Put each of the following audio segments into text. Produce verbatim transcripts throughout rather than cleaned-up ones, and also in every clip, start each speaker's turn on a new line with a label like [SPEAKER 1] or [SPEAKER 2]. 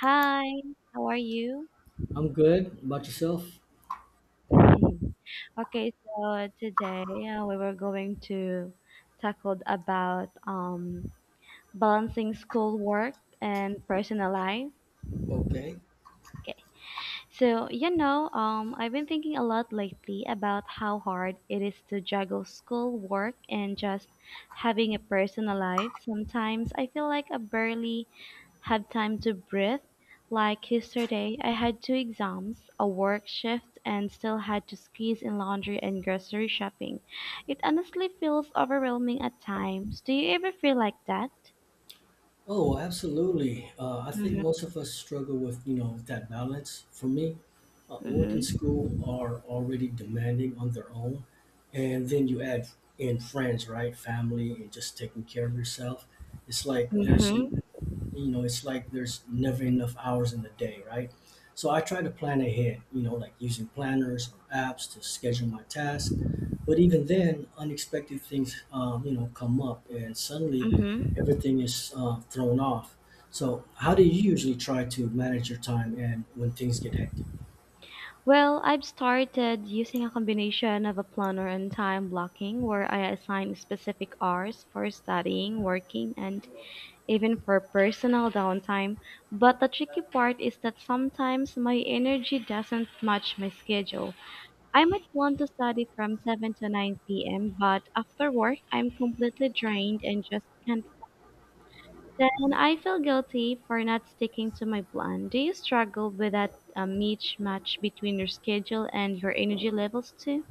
[SPEAKER 1] Hi, how are you?
[SPEAKER 2] I'm good. About yourself?
[SPEAKER 1] Okay, so today uh, we were going to tackle about um, balancing schoolwork and personal life.
[SPEAKER 2] Okay.
[SPEAKER 1] So, you know, um, I've been thinking a lot lately about how hard it is to juggle school, work, and just having a personal life. Sometimes I feel like I barely have time to breathe. Like yesterday, I had two exams, a work shift, and still had to squeeze in laundry and grocery shopping. It honestly feels overwhelming at times. Do you ever feel like that?
[SPEAKER 2] Oh, absolutely. Uh, I think
[SPEAKER 1] Mm-hmm.
[SPEAKER 2] most of us struggle with, you know, that balance. For me, uh, work and school
[SPEAKER 1] Mm-hmm.
[SPEAKER 2] are already demanding on their own, and then you add in friends, right? Family and just taking care of yourself. It's like there's, n-
[SPEAKER 1] Mm-hmm.
[SPEAKER 2] you know, it's like there's never enough hours in the day, right? So I try to plan ahead, you know, like using planners or apps to schedule my tasks. But even then, unexpected things, um, you know, come up, and suddenly
[SPEAKER 1] Mm-hmm.
[SPEAKER 2] everything is uh, thrown off. So, how do you usually try to manage your time and when things get hectic?
[SPEAKER 1] Well, I've started using a combination of a planner and time blocking where I assign specific hours for studying, working, and even for personal downtime. But the tricky part is that sometimes my energy doesn't match my schedule. I might want to study from seven to nine p m, but after work, I'm completely drained and just can't then I feel guilty for not sticking to my plan. Do you struggle with that uh, mismatch between your schedule and your energy levels too?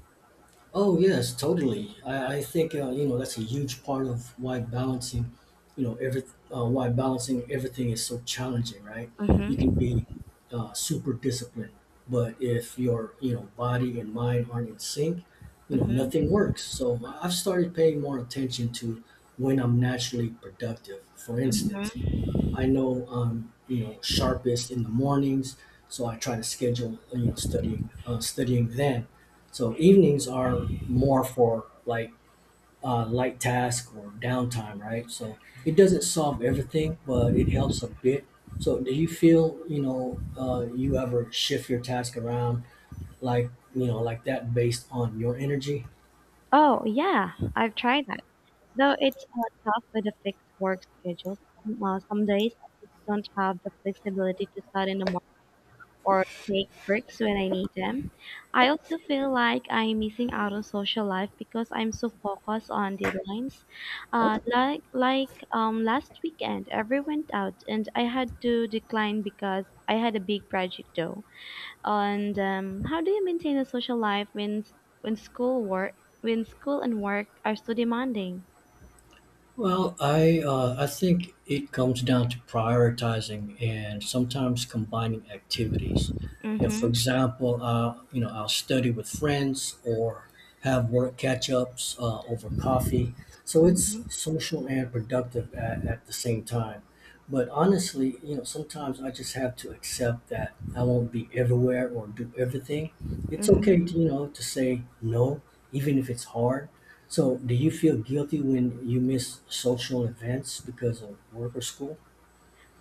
[SPEAKER 2] Oh yes, totally. I, I think uh, you know that's a huge part of why balancing, you know, every uh, why balancing everything is so challenging, right? You can
[SPEAKER 1] Mm-hmm.
[SPEAKER 2] be uh, super disciplined, but if your you know body and mind aren't in sync, you know
[SPEAKER 1] Mm-hmm.
[SPEAKER 2] nothing works. So I've started paying more attention to when I'm naturally productive. For instance,
[SPEAKER 1] Mm-hmm.
[SPEAKER 2] I know I'm you know sharpest in the mornings, so I try to schedule you know studying uh, studying then. So evenings are more for like uh, light task or downtime, right? So it doesn't solve everything, but it helps a bit. So do you feel you know uh, you ever shift your task around like you know like that based on your energy?
[SPEAKER 1] Oh, yeah, I've tried that. Though it's uh, tough with a fixed work schedule. Some, uh, some days I just don't have the flexibility to start in the or take breaks when I need them. I also feel like I'm missing out on social life because I'm so focused on deadlines. Uh, like like um, last weekend, everyone went out and I had to decline because I had a big project though. And um, how do you maintain a social life when when school work when school and work are so demanding?
[SPEAKER 2] Well, I uh, I think it comes down to prioritizing and sometimes combining activities. You know, for
[SPEAKER 1] Mm-hmm.
[SPEAKER 2] example, uh, you know, I'll study with friends or have work catch-ups uh, over coffee. So
[SPEAKER 1] Mm-hmm.
[SPEAKER 2] it's social and productive at, at the same time. But honestly, you know, sometimes I just have to accept that I won't be everywhere or do everything. It's
[SPEAKER 1] Mm-hmm.
[SPEAKER 2] okay to, you know, to say no, even if it's hard. So, do you feel guilty when you miss social events because of work or school?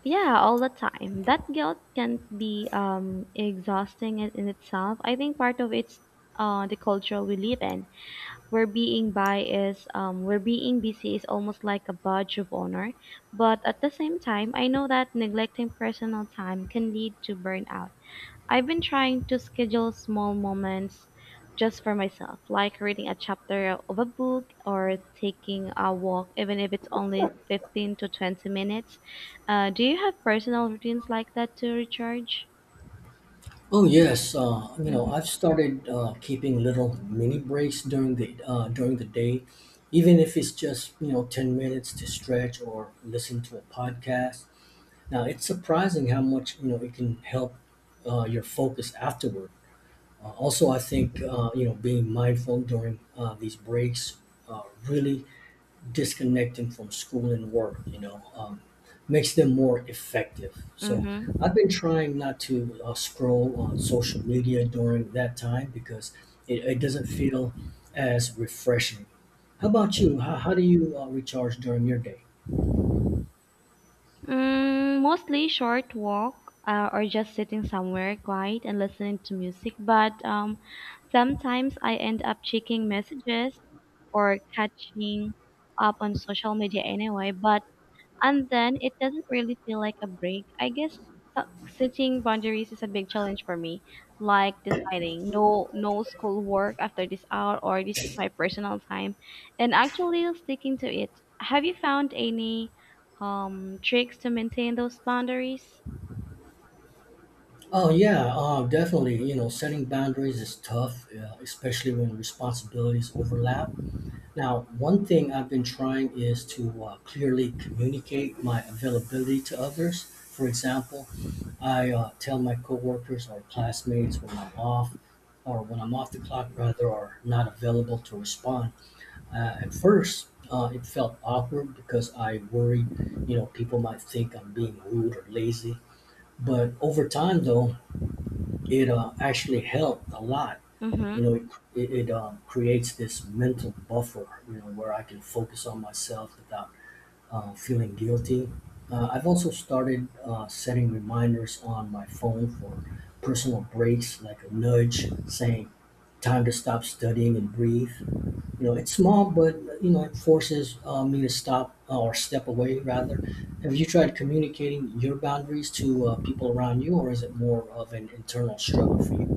[SPEAKER 1] Yeah, all the time. That guilt can be um, exhausting in, in itself. I think part of it's uh, the culture we live in, where being by is, um, where being busy is almost like a badge of honor. But at the same time, I know that neglecting personal time can lead to burnout. I've been trying to schedule small moments just for myself, like reading a chapter of a book or taking a walk, even if it's only fifteen to twenty minutes. Uh, do you have personal routines like that to recharge?
[SPEAKER 2] Oh yes, uh, you
[SPEAKER 1] Mhm.
[SPEAKER 2] know I've started uh, keeping little mini breaks during the uh, during the day, even if it's just you know ten minutes to stretch or listen to a podcast. Now it's surprising how much you know it can help uh, your focus afterward. Uh, also, I think uh, you know being mindful during uh, these breaks uh, really disconnecting from school and work, you know, um, makes them more effective. So
[SPEAKER 1] Mm-hmm.
[SPEAKER 2] I've been trying not to uh, scroll on social media during that time because it, it doesn't feel as refreshing. How about you? How, how do you uh, recharge during your day?
[SPEAKER 1] Mm, mostly short walk uh, or just sitting somewhere quiet and listening to music. But um, Sometimes I end up checking messages or catching up on social media anyway. But and then it doesn't really feel like a break. I guess uh, setting boundaries is a big challenge for me, like deciding no no school work after this hour or this is my personal time, and actually sticking to it. Have you found any um tricks to maintain those boundaries?
[SPEAKER 2] Oh yeah, uh, definitely. You know, setting boundaries is tough, uh, especially when responsibilities overlap. Now, one thing I've been trying is to uh, clearly communicate my availability to others. For example, I uh, tell my coworkers or classmates when I'm off, or when I'm off the clock rather, or not available to respond. Uh, at first, uh, it felt awkward because I worried, you know, people might think I'm being rude or lazy. But over time, though, it uh, actually helped a lot.
[SPEAKER 1] Mm-hmm.
[SPEAKER 2] You know, it, it um, creates this mental buffer, you know, where I can focus on myself without uh, feeling guilty. Uh, I've also started uh, setting reminders on my phone for personal breaks, like a nudge saying, time to stop studying and breathe. You know, it's small, but, you know, it forces uh, me to stop uh, or step away, rather. Have you tried communicating your boundaries to uh, people around you, or is it more of an internal struggle for you?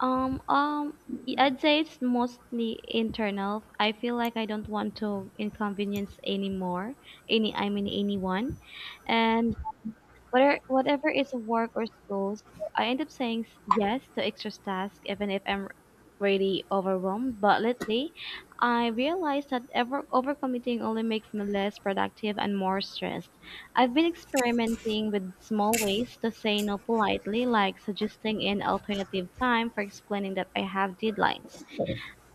[SPEAKER 1] Um, um, y- I'd say it's mostly internal. I feel like I don't want to inconvenience anymore, any, I mean anyone. And Whatever, whatever is work or school, so I end up saying s- yes to extra tasks even if I'm really overwhelmed. But lately, I realized that ever overcommitting only makes me less productive and more stressed. I've been experimenting with small ways to say no politely, like suggesting an alternative time for explaining that I have deadlines.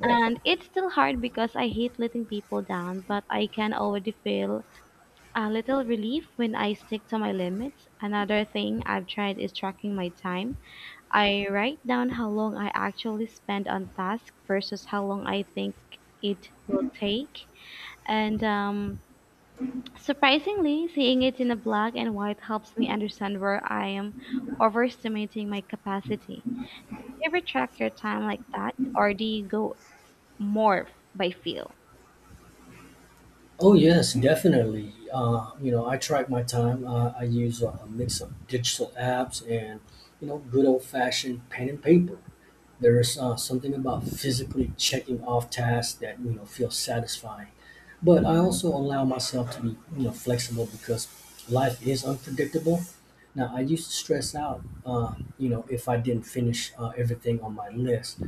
[SPEAKER 1] And it's still hard because I hate letting people down, but I can already feel a little relief when I stick to my limits. Another thing I've tried is tracking my time. I write down how long I actually spend on task versus how long I think it will take. And um, surprisingly, seeing it in a black and white helps me understand where I am overestimating my capacity. You ever track your time like that, or do you go more by feel?
[SPEAKER 2] Oh yes, definitely. Uh, you know, I track my time. Uh, I use a, a mix of digital apps and you know good old fashioned pen and paper. There is uh, something about physically checking off tasks that you know feels satisfying, but I also allow myself to be you know flexible because life is unpredictable. Now I used to stress out, uh, you know, if I didn't finish uh, everything on my list,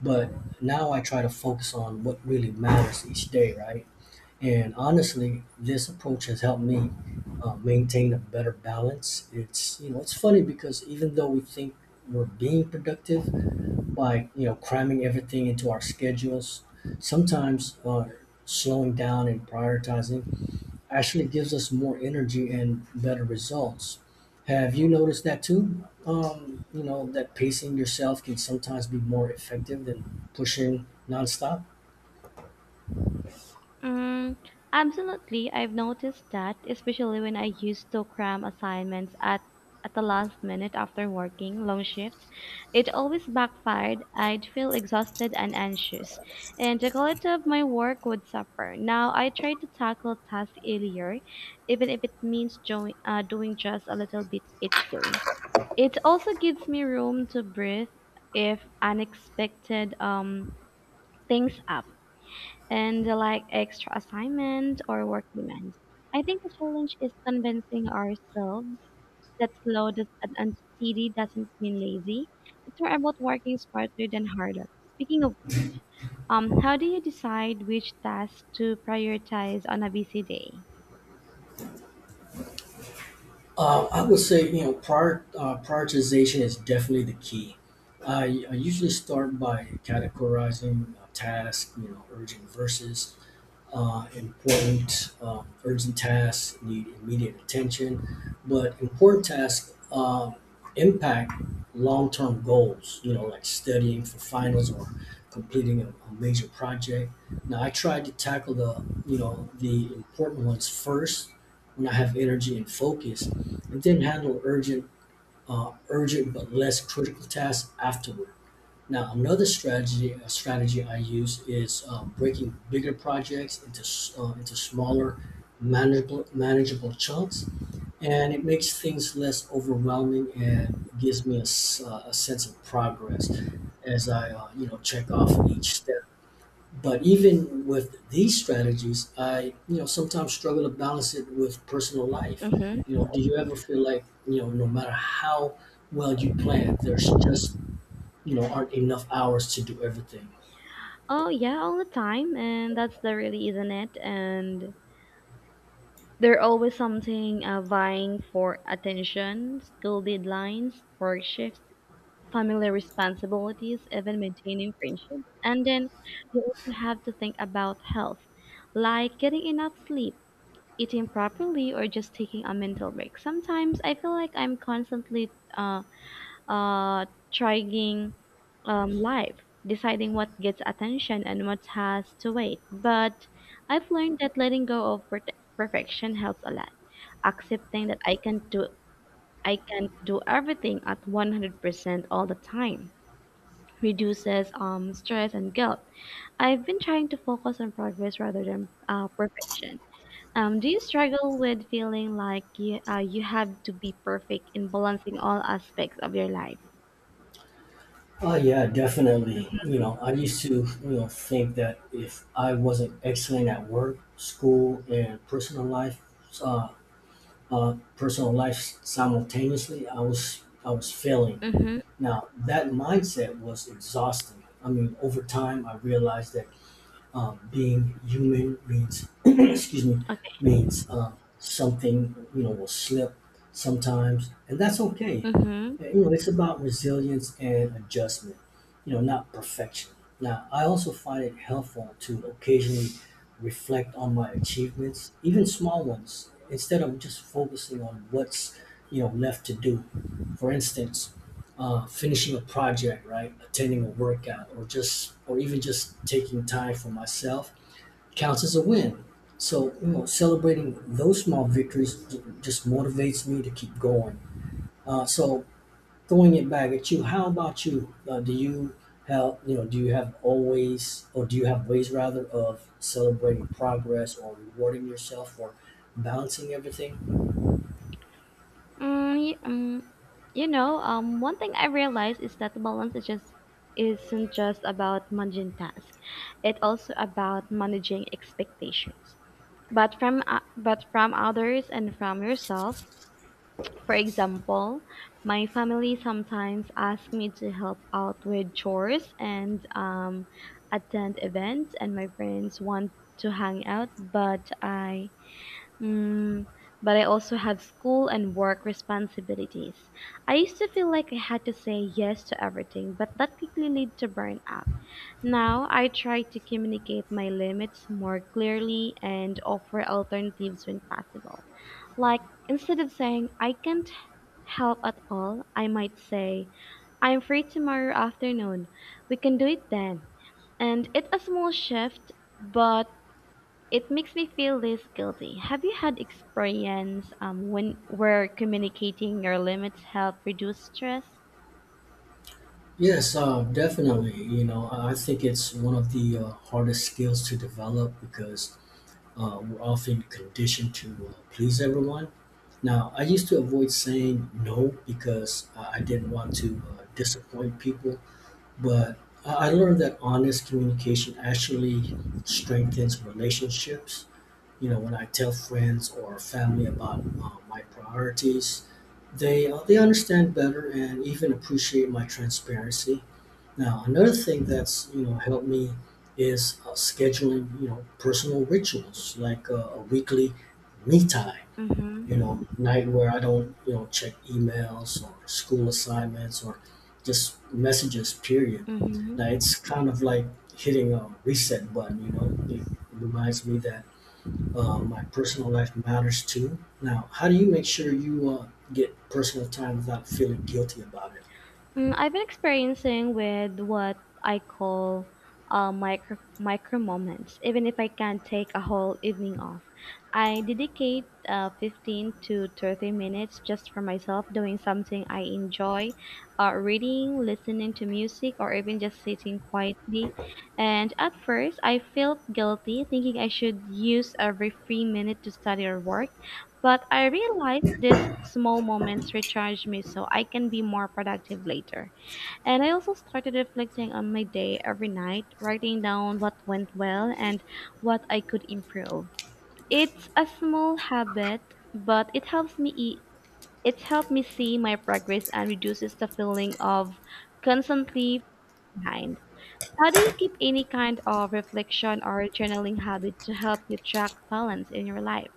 [SPEAKER 2] but now I try to focus on what really matters each day, right? And honestly, this approach has helped me uh, maintain a better balance. It's you know it's funny because even though we think we're being productive by you know cramming everything into our schedules, sometimes uh, slowing down and prioritizing actually gives us more energy and better results. Have you noticed that too? Um, you know that pacing yourself can sometimes be more effective than pushing nonstop.
[SPEAKER 1] Mm, absolutely. I've noticed that, especially when I used to cram assignments at at the last minute after working long shifts, it always backfired. I'd feel exhausted and anxious, and the quality of my work would suffer. Now I try to tackle tasks earlier, even if it means join, uh, doing just a little bit each day. It also gives me room to breathe if unexpected um, things up and like extra assignment or work demands. I think the challenge is convincing ourselves that slow does, and and steady doesn't mean lazy. It's more about working smarter than harder. Speaking of, um, how do you decide which tasks to prioritize on a busy day?
[SPEAKER 2] Uh, I would say, you know, prior, uh, prioritization is definitely the key. I, I usually start by categorizing uh, tasks, you know, urgent versus uh, important, um, urgent tasks need immediate attention, but important tasks uh, impact long-term goals. You know, like studying for finals or completing a, a major project. Now, I try to tackle the you know the important ones first when I have energy and focus, and then handle urgent, uh, urgent but less critical tasks afterward. Now, another strategy a strategy I use is uh, breaking bigger projects into s- uh, into smaller, manageable manageable chunks, and it makes things less overwhelming and gives me a, s- uh, a sense of progress as I uh, you know check off each step. But even with these strategies, I you know sometimes struggle to balance it with personal life. You
[SPEAKER 1] Mm-hmm.
[SPEAKER 2] know, do you ever feel like you know no matter how well you plan, there's just you know aren't enough hours to do everything.
[SPEAKER 1] Oh yeah, all the time, and that's the really, isn't it? And there always something uh, vying for attention, school deadlines, work shifts, family responsibilities, even maintaining friendships. And then you also have to think about health, like getting enough sleep, eating properly, or just taking a mental break. Sometimes I feel like I'm constantly uh, uh, trying um, life, deciding what gets attention and what has to wait. But I've learned that letting go of per- perfection helps a lot. Accepting that I can do I can't do everything at one hundred percent all the time reduces um, stress and guilt. I've been trying to focus on progress rather than uh, perfection. Um, do you struggle with feeling like you, uh, you have to be perfect in balancing all aspects of your life?
[SPEAKER 2] Oh yeah, definitely. You know, I used to you know think that if I wasn't excelling at work, school, and personal life, uh, uh, personal life simultaneously, I was I was failing.
[SPEAKER 1] Mm-hmm.
[SPEAKER 2] Now that mindset was exhausting. I mean, over time, I realized that um, being human means excuse me
[SPEAKER 1] Okay.
[SPEAKER 2] means um, something you know will slip sometimes and that's okay.
[SPEAKER 1] Mm-hmm.
[SPEAKER 2] Uh, you know it's about resilience and adjustment, you know not perfection. Now I also find it helpful to occasionally reflect on my achievements even small ones instead of just focusing on what's you know left to do. For instance, uh, finishing a project, right? Attending a workout, or just, or even just taking time for myself counts as a win. So, you know, celebrating those small victories j- just motivates me to keep going. Uh, so, throwing it back at you, how about you? Uh, do you have, you know, do you have always, or do you have ways rather of celebrating progress or rewarding yourself for balancing everything?
[SPEAKER 1] Mm, y- um, you know, um, One thing I realized is that the balance is just isn't just about managing tasks. It's also about managing expectations, but from uh, but from others and from yourself. For example, my family sometimes asks me to help out with chores and um, attend events, and my friends want to hang out, but I mm, but I also have school and work responsibilities. I used to feel like I had to say yes to everything, but that quickly led to burnout. Now I try to communicate my limits more clearly and offer alternatives when possible. Like instead of saying I can't help at all, I might say, I'm free tomorrow afternoon. We can do it then. And it's a small shift, but it makes me feel less guilty. Have you had experience um, when where communicating your limits help reduce stress?
[SPEAKER 2] Yes, uh, definitely. You know, I I think it's one of the uh, hardest skills to develop because uh, we're often conditioned to uh, please everyone. Now, I used to avoid saying no because uh, I didn't want to uh, disappoint people, but I I learned that honest communication actually strengthens relationships. You know, when I tell friends or family about uh, my priorities, they uh, they understand better and even appreciate my transparency. Now, another thing that's you know helped me is uh, scheduling you know personal rituals like uh, a weekly me time. You
[SPEAKER 1] Mm-hmm.
[SPEAKER 2] know, night where I don't you know check emails or school assignments or just messages. Period. Now
[SPEAKER 1] Mm-hmm.
[SPEAKER 2] it's kind of like hitting a reset button. You know, it reminds me that uh, my personal life matters too. Now, how do you make sure you uh, get personal time without feeling guilty about it?
[SPEAKER 1] Mm, I've been experiencing with what I call uh, micro micro moments. Even if I can't take a whole evening off, I dedicate uh, fifteen to thirty minutes just for myself, doing something I enjoy, uh, reading, listening to music, or even just sitting quietly. And at first, I felt guilty, thinking I should use every free minute to study or work. But I realized these small moments recharge me so I can be more productive later. And I also started reflecting on my day every night, writing down what went well and what I could improve. It's a small habit, but it helps me e- it's helped me see my progress and reduces the feeling of constantly behind. How do you keep any kind of reflection or journaling habit to help you track balance in your life?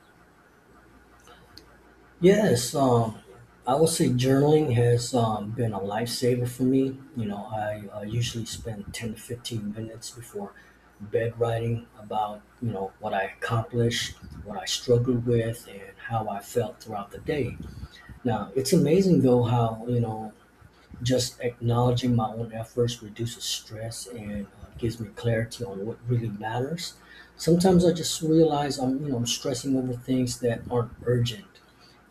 [SPEAKER 2] Yes, um, I would say journaling has um, been a lifesaver for me. You know, I uh, usually spend ten to fifteen minutes before bed writing about, you know, what I accomplished, what I struggled with, and how I felt throughout the day. Now, it's amazing though how, you know, just acknowledging my own efforts reduces stress and uh, gives me clarity on what really matters. Sometimes I just realize I'm, you know, I'm stressing over things that aren't urgent,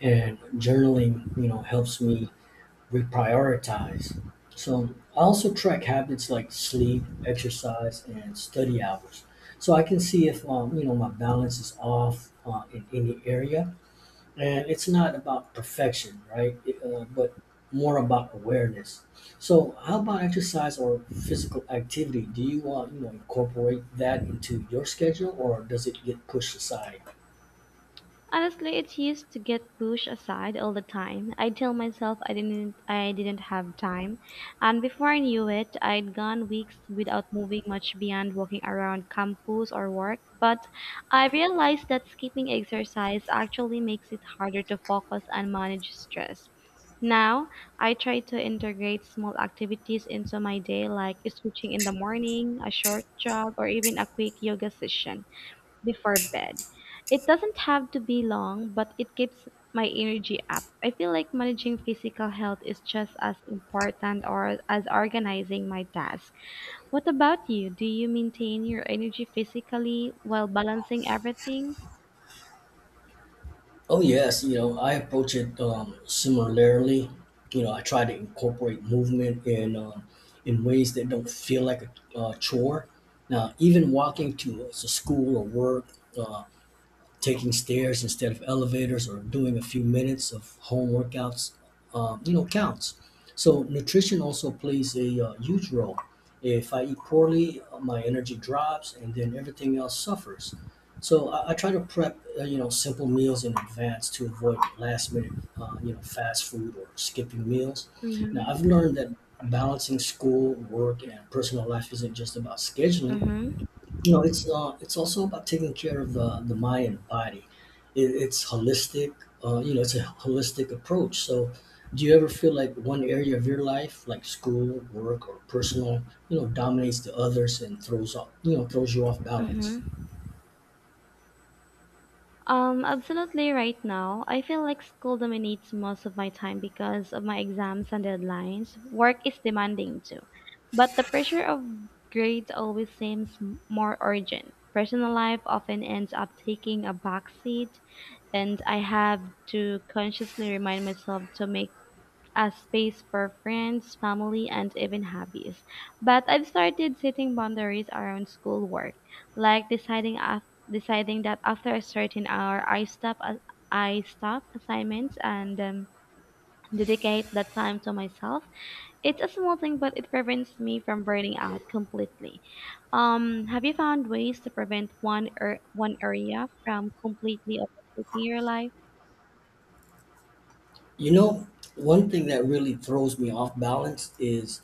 [SPEAKER 2] and journaling, you know, helps me reprioritize. So I also track habits like sleep, exercise, and study hours, so I can see if, um, you know, my balance is off uh, in any area, and it's not about perfection, right? It, uh, but more about awareness. So how about exercise or physical activity, do you uh, you know incorporate that into your schedule or does it get pushed aside?
[SPEAKER 1] Honestly, it used to get pushed aside all the time. I'd tell myself I didn't I didn't have time, and before I knew it, I'd gone weeks without moving much beyond walking around campus or work. But I realized that skipping exercise actually makes it harder to focus and manage stress. Now, I try to integrate small activities into my day like stretching in the morning, a short jog, or even a quick yoga session before bed. It doesn't have to be long, but it keeps my energy up. I feel like managing physical health is just as important or as organizing my task. What about you? Do you maintain your energy physically while balancing everything?
[SPEAKER 2] Oh yes, you know I approach it um, similarly. You know I try to incorporate movement in um, in ways that don't feel like a uh, chore. Now even walking to, to school or work, uh, taking stairs instead of elevators or doing a few minutes of home workouts, uh, you know, counts. So nutrition also plays a uh, huge role. If I eat poorly, uh, my energy drops, and then everything else suffers. So I, I try to prep, uh, you know, simple meals in advance to avoid last minute, uh, you know, fast food or skipping meals. Now I've
[SPEAKER 1] Mm-hmm.
[SPEAKER 2] learned that balancing school, work, and personal life isn't just about scheduling
[SPEAKER 1] Mm-hmm.
[SPEAKER 2] you know, it's uh, it's also about taking care of the the mind and body. It, it's holistic. Uh, you know, it's a holistic approach. So, do you ever feel like one area of your life, like school, work, or personal, you know, dominates the others and throws off, you know, throws you off balance?
[SPEAKER 1] Mm-hmm. Um, absolutely right now. I feel like school dominates most of my time because of my exams and deadlines. Work is demanding too, but the pressure of grades always seems m- more urgent. Personal life often ends up taking a backseat, and I have to consciously remind myself to make as space for friends, family, and even hobbies. But I've started setting boundaries around schoolwork, like deciding af- deciding that after a certain hour, I stop a- I stop assignments and um, dedicate that time to myself. It's a small thing, but it prevents me from burning out completely. Um, have you found ways to prevent one or one area from completely overtaking your life?
[SPEAKER 2] You know, one thing that really throws me off balance is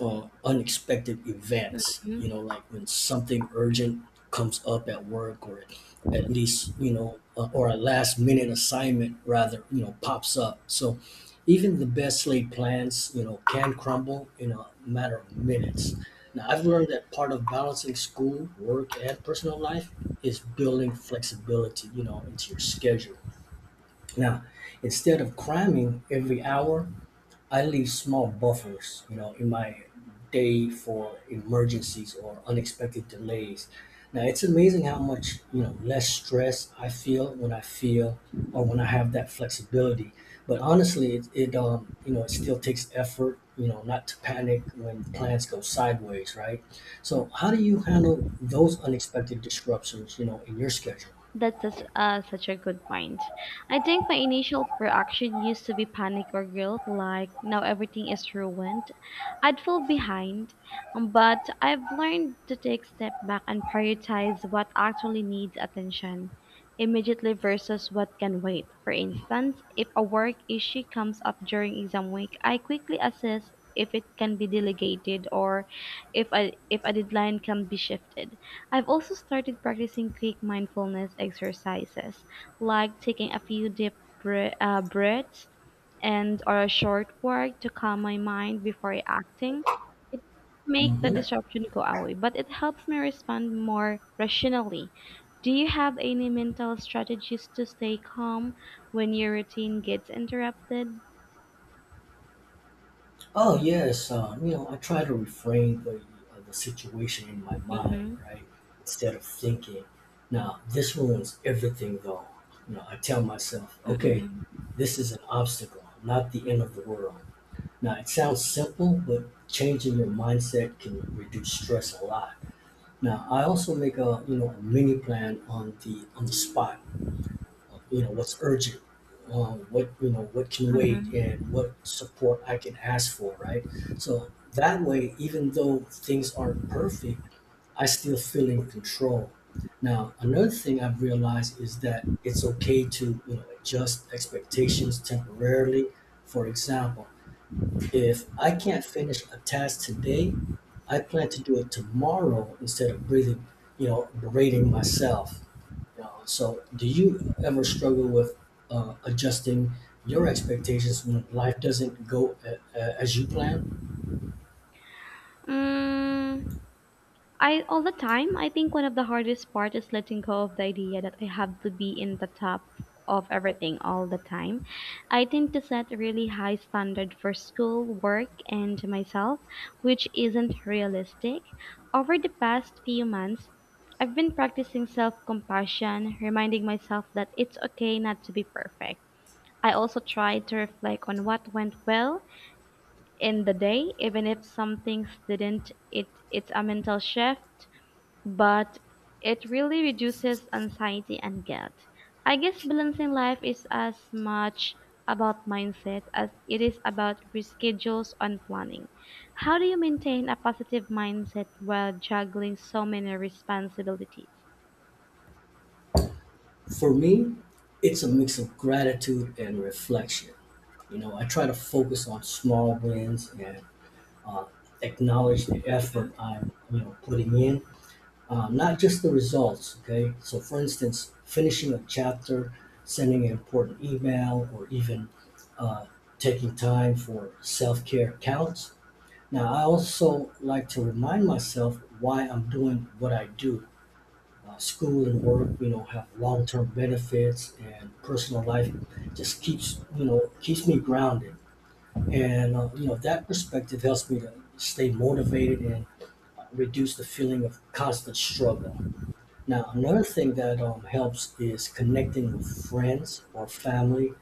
[SPEAKER 2] uh, unexpected events.
[SPEAKER 1] Mm-hmm.
[SPEAKER 2] You know, like when something urgent comes up at work, or at least you know, uh, or a last minute assignment rather, you know, pops up. So even the best laid plans, you know, can crumble in a matter of minutes. Now, I've learned that part of balancing school, work, and personal life is building flexibility, you know, into your schedule. Now, instead of cramming every hour, I leave small buffers, you know, in my day for emergencies or unexpected delays. Now, it's amazing how much, you know, less stress I feel when I feel or when I have that flexibility. But honestly, it, it um, you know, it still takes effort, you know, not to panic when plans go sideways, right? So, how do you handle those unexpected disruptions, you know, in your schedule?
[SPEAKER 1] That's such, uh, such a good point. I think my initial reaction used to be panic or guilt, like now everything is ruined. I'd fall behind, um, but I've learned to take step back and prioritize what actually needs attention immediately versus what can wait. For instance, if a work issue comes up during exam week, I quickly assess if it can be delegated or if a, if a deadline can be shifted. I've also started practicing quick mindfulness exercises, like taking a few deep bre- uh, breaths and or a short walk to calm my mind before acting. It makes the
[SPEAKER 2] Hmm.
[SPEAKER 1] disruption go away, but it helps me respond more rationally. Do you have any mental strategies to stay calm when your routine gets interrupted?
[SPEAKER 2] Oh yes, uh, you know, I try to reframe the uh, the situation in my mind,
[SPEAKER 1] Mm-hmm.
[SPEAKER 2] right? Instead of thinking, now this ruins everything, though. You know, I tell myself, okay,
[SPEAKER 1] Mm-hmm.
[SPEAKER 2] this is an obstacle, not the end of the world. Now it sounds simple, but changing your mindset can reduce stress a lot. Now I also make a you know a mini plan on the on the spot, you know what's urgent, um, what you know what can wait
[SPEAKER 1] Mm-hmm.
[SPEAKER 2] and what support I can ask for, right? So that way even though things aren't perfect, I still feel in control. Now another thing I've realized is that it's okay to, you know, adjust expectations temporarily. For example, if I can't finish a task today, I plan to do it tomorrow instead of breathing, you know, berating myself. Wow. So, do you ever struggle with uh, adjusting your expectations when life doesn't go a- a- as you plan?
[SPEAKER 1] Mm, I all the time. I think one of the hardest part is letting go of the idea that I have to be in the top of everything all the time. I tend to set a really high standard for school, work, and myself, which isn't realistic. Over the past few months, I've been practicing self-compassion, reminding myself that it's okay not to be perfect. I also try to reflect on what went well in the day, even if some things didn't. It, it's a mental shift but it really reduces anxiety and guilt. I guess balancing life is as much about mindset as it is about reschedules and planning. How do you maintain a positive mindset while juggling so many responsibilities?
[SPEAKER 2] For me, it's a mix of gratitude and reflection. You know, I try to focus on small wins and uh, acknowledge the effort I'm, you know, putting in, uh, not just the results. Okay. So, for instance, finishing a chapter, sending an important email, or even uh, taking time for self care counts. Now, I also like to remind myself why I'm doing what I do. Uh, school and work, you know, have long-term benefits, and personal life just keeps, you know, keeps me grounded. And uh, you know, that perspective helps me to stay motivated and uh, reduce the feeling of constant struggle. Now, another thing that um, helps is connecting with friends or family,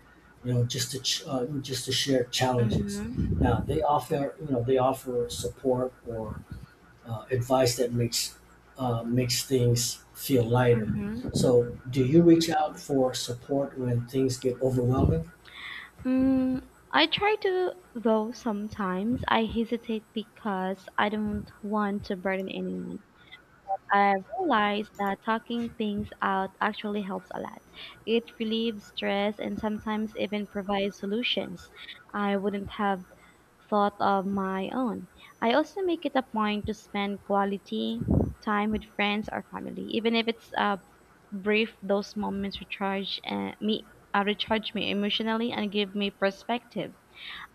[SPEAKER 2] you know, just to ch- uh, just to share challenges.
[SPEAKER 1] Mm-hmm.
[SPEAKER 2] Now, they offer, you know, they offer support or uh, advice that makes uh, makes things feel lighter.
[SPEAKER 1] Mm-hmm.
[SPEAKER 2] So, do you reach out for support when things get overwhelming?
[SPEAKER 1] Mm, I try to, though sometimes I hesitate because I don't want to burden anyone. I realized that talking things out actually helps a lot. It relieves stress and sometimes even provides solutions I wouldn't have thought of my own. I also make it a point to spend quality time with friends or family, even if it's uh, brief. Those moments recharge uh, me, uh, recharge me emotionally, and give me perspective.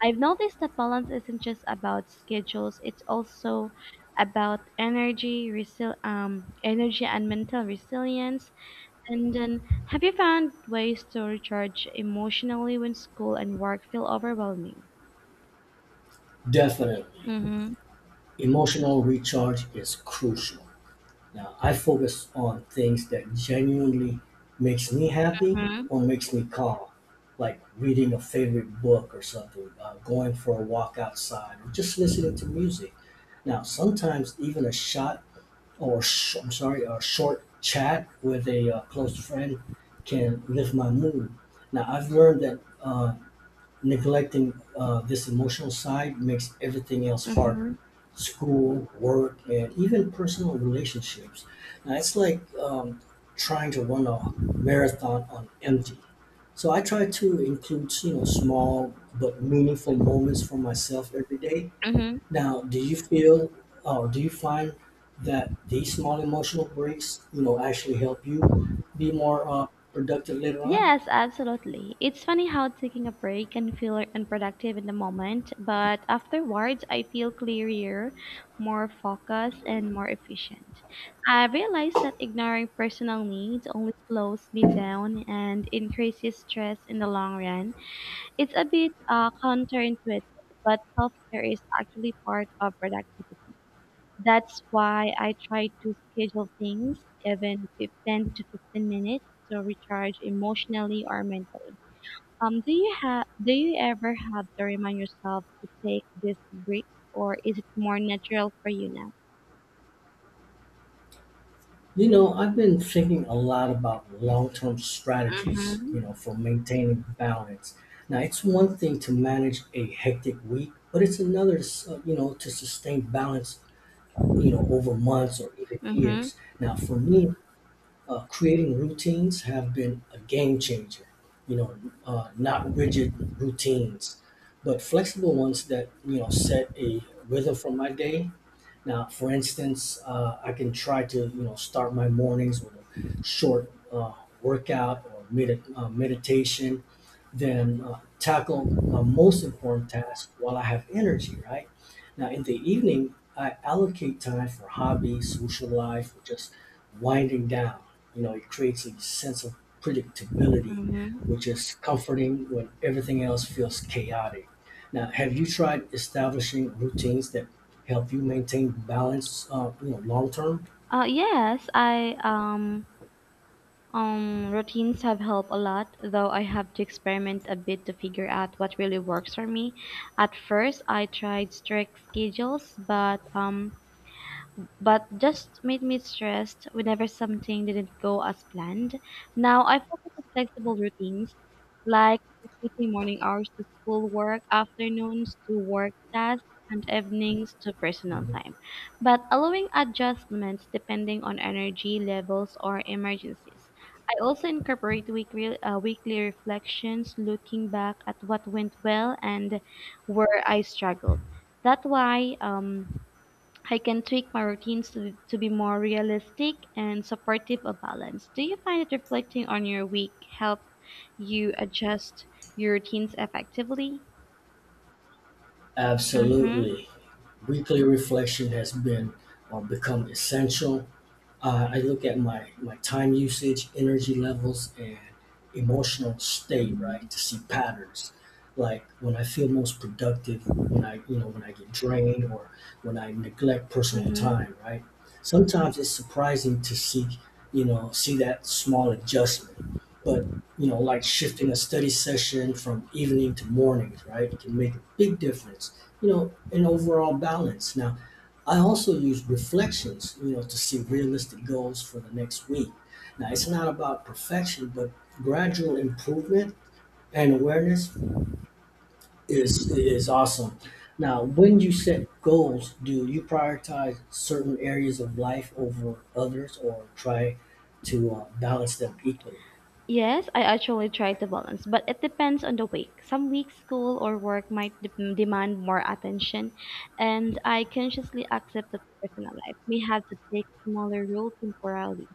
[SPEAKER 1] I've noticed that balance isn't just about schedules, it's also about energy, resil- um, energy and mental resilience. And then, have you found ways to recharge emotionally when school and work feel overwhelming?
[SPEAKER 2] Definitely.
[SPEAKER 1] Mm-hmm.
[SPEAKER 2] Emotional recharge is crucial. Now, I focus on things that genuinely makes me happy or makes me calm, like reading a favorite book or something, uh, going for a walk outside, or just listening to music. Now, sometimes even a shot or sh- I'm sorry, a short chat with a uh, close friend can lift my mood. Now I've learned that uh, neglecting uh, this emotional side makes everything else
[SPEAKER 1] Mm-hmm.
[SPEAKER 2] harder. School, work, and even personal relationships. Now it's like um, trying to run a marathon on empty. So I try to include, you know, small but meaningful moments for myself every day.
[SPEAKER 1] Mm-hmm.
[SPEAKER 2] Now, do you feel or do you find that these small emotional breaks, you know, actually help you be more uh, productive later on?
[SPEAKER 1] Yes, absolutely. It's funny how taking a break can feel unproductive in the moment, but afterwards I feel clearer, more focused, and more efficient. I realized that ignoring personal needs only slows me down and increases stress in the long run. It's a bit uh, counterintuitive, but self care is actually part of productivity. That's why I try to schedule things even fif- ten to fifteen minutes to recharge emotionally or mentally. Um, do you have do you ever have to remind yourself to take these breaks, or is it more natural for you now?
[SPEAKER 2] You know, I've been thinking a lot about long-term strategies,
[SPEAKER 1] Mhm.
[SPEAKER 2] you know, for maintaining balance. Now, it's one thing to manage a hectic week, but it's another, uh, you know, to sustain balance, you know, over months or even
[SPEAKER 1] Mhm.
[SPEAKER 2] years. Now, for me, uh, creating routines have been a game changer. You know, uh, not rigid routines, but flexible ones that you know set a rhythm for my day. Now, for instance, uh, I can try to, you know, start my mornings with a short uh, workout or med uh, meditation, then uh, tackle my most important task while I have energy, right? Now, in the evening, I allocate time for hobbies, social life, or just winding down. You know, it creates a sense of predictability,
[SPEAKER 1] Mhm.
[SPEAKER 2] which is comforting when everything else feels chaotic. Now, have you tried establishing routines that help you maintain balance, uh, you know, long term?
[SPEAKER 1] Uh, yes, I um um routines have helped a lot, though I have to experiment a bit to figure out what really works for me. At first, I tried strict schedules, but um but just made me stressed whenever something didn't go as planned. Now I focus on flexible routines like dedicating morning hours to schoolwork, afternoons to work tasks, and evenings to personal
[SPEAKER 2] Mhm.
[SPEAKER 1] time, but allowing adjustments depending on energy levels or emergencies. I also incorporate weekly, uh, weekly reflections, looking back at what went well and where I struggled. That why um, I can tweak my routines to, to be more realistic and supportive of balance. Do you find that reflecting on your week help you adjust your routines effectively? Mm-hmm,
[SPEAKER 2] Absolutely. Weekly reflection has been or become essential. Uh, I look at my, my time usage, energy levels, and emotional state,
[SPEAKER 1] mm-hmm,
[SPEAKER 2] right, to see patterns. Like when I feel most productive, when I, you know, when I get drained or when I neglect personal
[SPEAKER 1] mm-hmm.
[SPEAKER 2] time, right? Sometimes it's surprising to see, you know, see that small adjustment. But, you know, like shifting a study session from evening to mornings, right, can make a big difference, you know, in overall balance. Now, I also use reflections, you know, to see realistic goals for the next week. Now, it's not about perfection, but gradual improvement and awareness is is awesome. Now, when you set goals, do you prioritize certain areas of life over others, or try to uh, balance them equally?
[SPEAKER 1] Yes, I actually try to balance, but it depends on the week. Some weeks, school or work might de- demand more attention, and I consciously accept that personal life may have to take smaller role temporarily.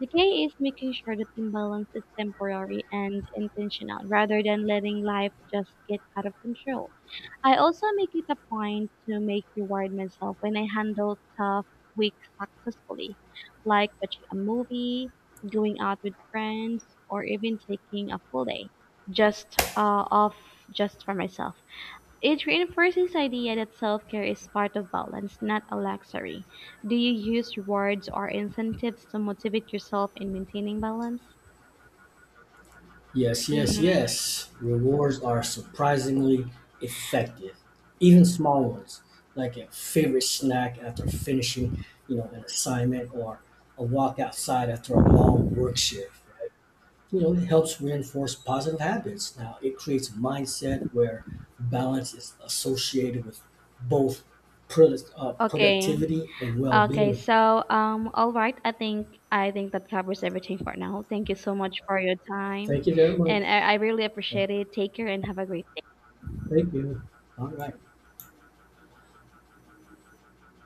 [SPEAKER 1] Decay is making sure that imbalance is temporary and intentional rather than letting life just get out of control. I also make it a point to make reward myself when I handle tough weeks successfully, like watching a movie, going out with friends, or even taking a full day just uh, off just for myself. It reinforces the idea that self-care is part of balance, not a luxury. Do you use rewards or incentives to motivate yourself in maintaining balance?
[SPEAKER 2] Yes, yes,
[SPEAKER 1] Mm-hmm.
[SPEAKER 2] yes. Rewards are surprisingly effective. Even small ones, like a favorite snack after finishing, you know, an assignment or a walk outside after a long work shift, right? You know, it helps reinforce positive habits. Now, it creates a mindset where balance is associated with both product, uh,
[SPEAKER 1] Okay.
[SPEAKER 2] productivity and
[SPEAKER 1] Okay.
[SPEAKER 2] well-being.
[SPEAKER 1] So, um, all right. I think I think that covers everything for now. Thank you so much for your
[SPEAKER 2] Thank
[SPEAKER 1] time,
[SPEAKER 2] you very much.
[SPEAKER 1] and I, I really appreciate it. Take care and have a great.
[SPEAKER 2] Thank you. All right.